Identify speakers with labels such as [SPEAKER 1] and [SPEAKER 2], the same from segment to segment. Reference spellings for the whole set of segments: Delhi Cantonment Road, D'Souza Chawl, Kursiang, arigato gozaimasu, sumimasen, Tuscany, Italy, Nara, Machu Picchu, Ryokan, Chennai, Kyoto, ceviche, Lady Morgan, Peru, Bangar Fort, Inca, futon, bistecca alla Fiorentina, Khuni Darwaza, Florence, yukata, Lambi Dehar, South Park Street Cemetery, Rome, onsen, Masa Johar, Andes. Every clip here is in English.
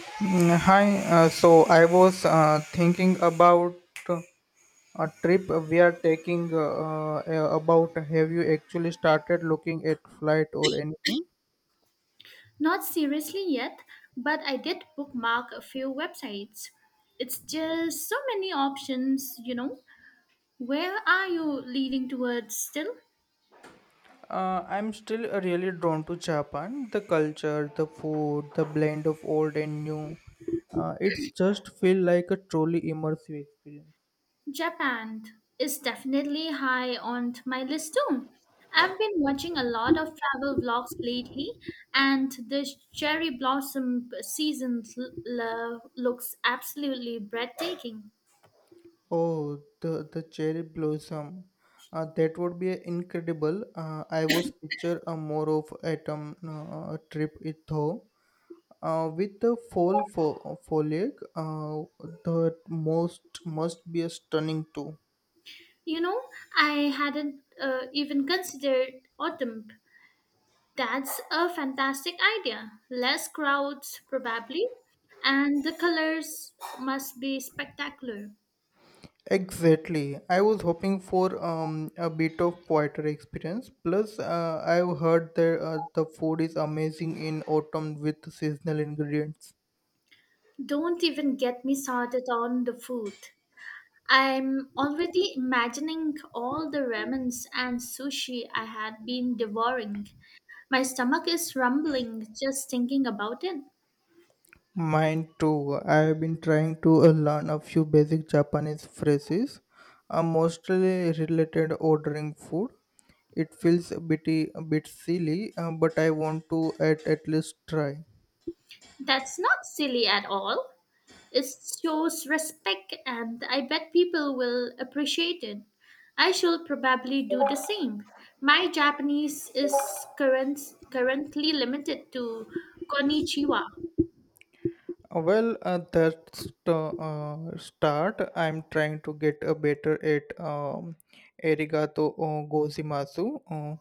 [SPEAKER 1] Hi, so I was thinking about uh, a trip we are taking about have you actually started looking at flight or anything?
[SPEAKER 2] Not seriously yet, but I did bookmark a few websites. It's just so many options, you know. Where are you leaning towards still?
[SPEAKER 1] I'm still really drawn to Japan, the culture, the food, the blend of old and new. It's just feel like a truly immersive experience.
[SPEAKER 2] Japan is definitely high on my list too. I've been watching a lot of travel vlogs lately, and the cherry blossom season looks absolutely breathtaking.
[SPEAKER 1] Oh, the cherry blossom. That would be incredible. I was picture a more of autumn trip it though. With the foliage, the most must be a stunning too.
[SPEAKER 2] You know, I hadn't even considered autumn. That's a fantastic idea. Less crowds, probably, and the colors must be spectacular.
[SPEAKER 1] Exactly. I was hoping for a bit of poetry experience. Plus, I've heard that the food is amazing in autumn with seasonal ingredients.
[SPEAKER 2] Don't even get me started on the food. I'm already imagining all the ramens and sushi I had been devouring. My stomach is rumbling just thinking about it.
[SPEAKER 1] Mine too. I have been trying to learn a few basic Japanese phrases, mostly related ordering food. It feels a bit silly, but I want to at least try.
[SPEAKER 2] That's not silly at all. It shows respect, and I bet people will appreciate it. I shall probably do the same. My Japanese is current, currently limited to konnichiwa.
[SPEAKER 1] Well, that's the start. I'm trying to get a better at arigato gozaimasu.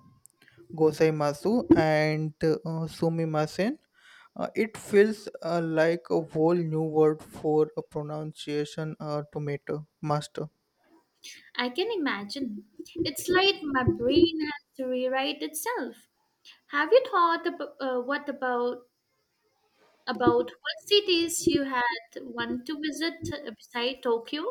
[SPEAKER 1] Gozaimasu and sumimasen. It feels like a whole new word for a pronunciation tomato master.
[SPEAKER 2] I can imagine. It's like my brain has to rewrite itself. Have you thought about what about what cities you had want to visit beside Tokyo?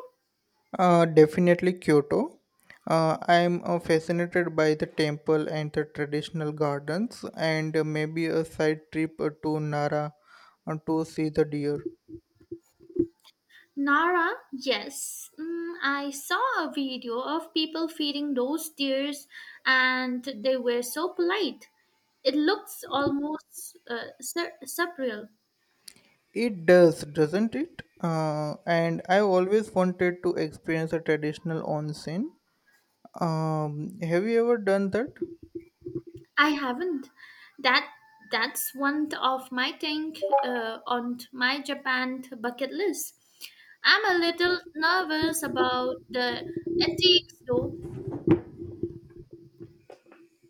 [SPEAKER 1] Definitely Kyoto. I'm fascinated by the temple and the traditional gardens, and maybe a side trip to Nara to see the deer.
[SPEAKER 2] Nara, yes. Mm, I saw a video of people feeding those deers and they were so polite. It looks almost surreal.
[SPEAKER 1] It does, doesn't it? And I always wanted to experience a traditional onsen. Have you ever done that?
[SPEAKER 2] I haven't. That that's one of my thing on my Japan bucket list. I'm a little nervous about the ethics though.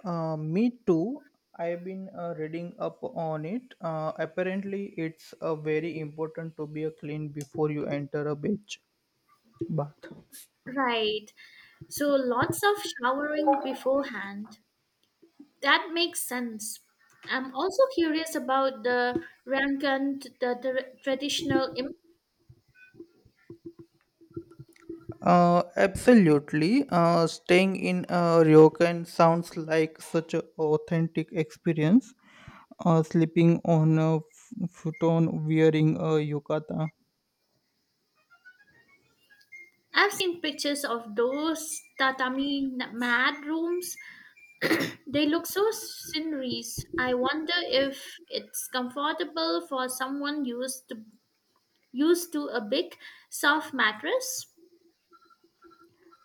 [SPEAKER 1] Me too. I've been reading up on it. Apparently, it's very important to be a clean before you enter a beach bath.
[SPEAKER 2] Right. So lots of showering beforehand. That makes sense. I'm also curious about the Rankan, the, traditional. Im-
[SPEAKER 1] Absolutely. Staying in Ryokan sounds like such an authentic experience. Sleeping on a futon wearing a yukata.
[SPEAKER 2] I've seen pictures of those tatami mat rooms. They look so sceneries. I wonder if it's comfortable for someone used to a big soft mattress.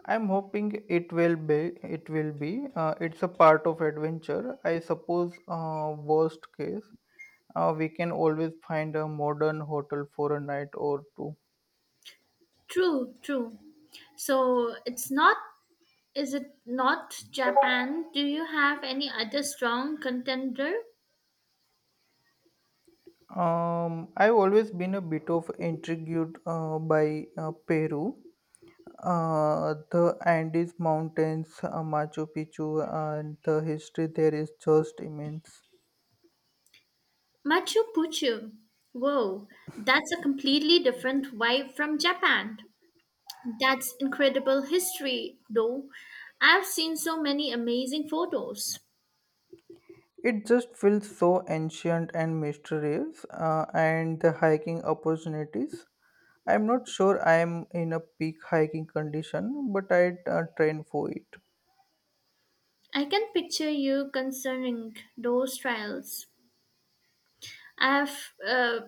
[SPEAKER 1] I'm hoping it will be. It will be. It's a part of adventure. I suppose. Worst case, we can always find a modern hotel for a night or two.
[SPEAKER 2] True, true. So it's not. Is it not Japan? Do you have any other strong contender?
[SPEAKER 1] I've always been a bit of intrigued by Peru, the Andes Mountains, Machu Picchu, and the history there is just immense.
[SPEAKER 2] Machu Picchu. Whoa, that's a completely different vibe from Japan. That's incredible history, though. I've seen so many amazing photos.
[SPEAKER 1] It just feels so ancient and mysterious, and the hiking opportunities. I'm not sure I am in a peak hiking condition, but I train for it.
[SPEAKER 2] I can picture you concerning those trials. I've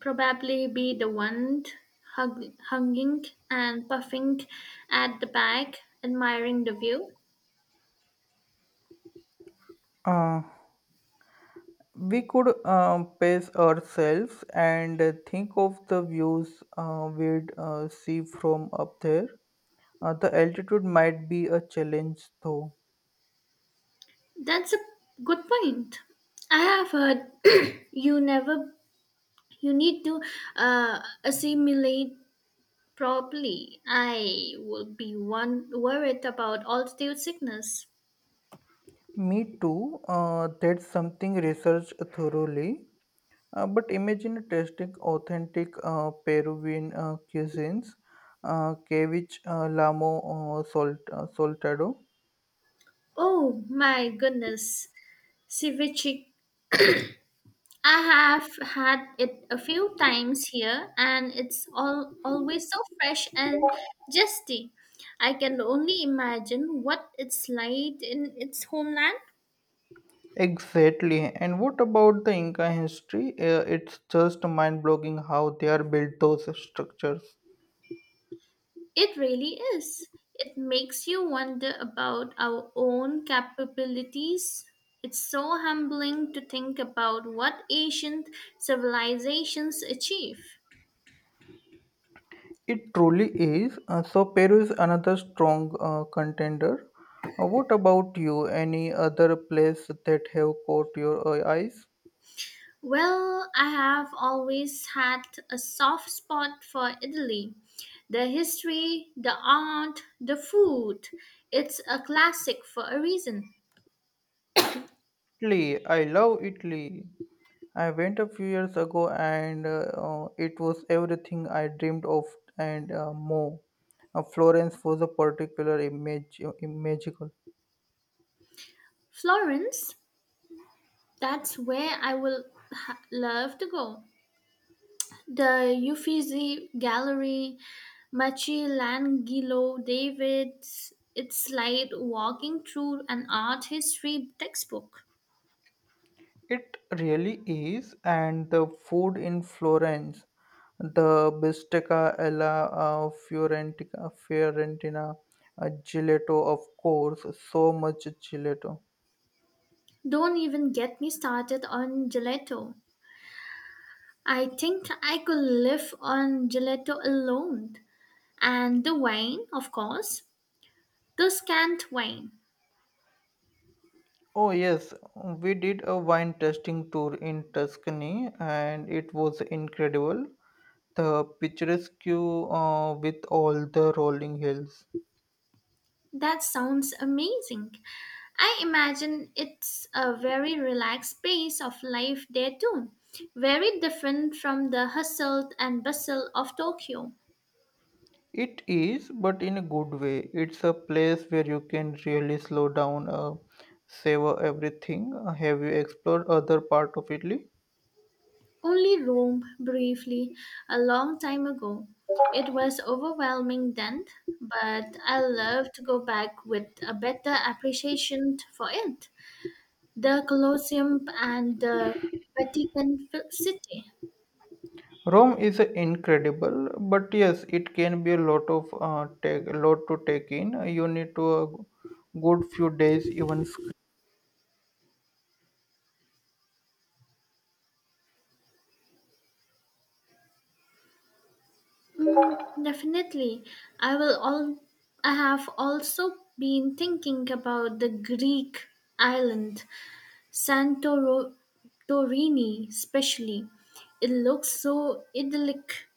[SPEAKER 2] probably be the one hugging and puffing at the back, admiring the view.
[SPEAKER 1] Uh, we could pace ourselves and think of the views we'd see from up there. The altitude might be a challenge, though.
[SPEAKER 2] That's a good point. I have heard you never you need to assimilate properly. I would be one worried about altitude sickness.
[SPEAKER 1] Me too. That's something researched thoroughly. But imagine tasting authentic Peruvian cuisines, ceviche, lamo, soltado.
[SPEAKER 2] Oh my goodness, ceviche. I have had it a few times here, and it's all always so fresh and zesty. I can only imagine what it's like in its homeland.
[SPEAKER 1] Exactly. And what about the Inca history? It's just mind-blowing how they are built those structures.
[SPEAKER 2] It really is. It makes you wonder about our own capabilities. It's so humbling to think about what ancient civilizations achieve.
[SPEAKER 1] It truly is. So Peru is another strong contender. What about you? Any other place that have caught your eyes?
[SPEAKER 2] Well, I have always had a soft spot for Italy. The history, the art, the food. It's a classic for a reason.
[SPEAKER 1] Italy. I love Italy. I went a few years ago and it was everything I dreamed of and more. Florence was a particular image, magical.
[SPEAKER 2] Florence, that's where I will love to go. The Uffizi Gallery, Michelangelo David's. It's like walking through an art history textbook.
[SPEAKER 1] It really is, and the food in Florence, the bistecca alla Fiorentina, gelato, of course, so much gelato.
[SPEAKER 2] Don't even get me started on gelato. I think I could live on gelato alone. And the wine, of course, the scant wine.
[SPEAKER 1] Oh yes, we did a wine tasting tour in Tuscany, and it was incredible. The picturesque with all the rolling hills.
[SPEAKER 2] That sounds amazing. I imagine it's a very relaxed pace of life there too, very different from the hustle and bustle of Tokyo.
[SPEAKER 1] It is, but in a good way. It's a place where you can really slow down, savor everything. Have you explored other part of Italy?
[SPEAKER 2] Only Rome briefly a long time ago. It was overwhelming then, but I love to go back with a better appreciation for it. The Colosseum and the Vatican City.
[SPEAKER 1] Rome is incredible, but yes, it can be a lot of lot to take in. You need to a good few days, even
[SPEAKER 2] Mm, definitely. I will all I have also been thinking about the Greek island Santorini especially. It looks so idyllic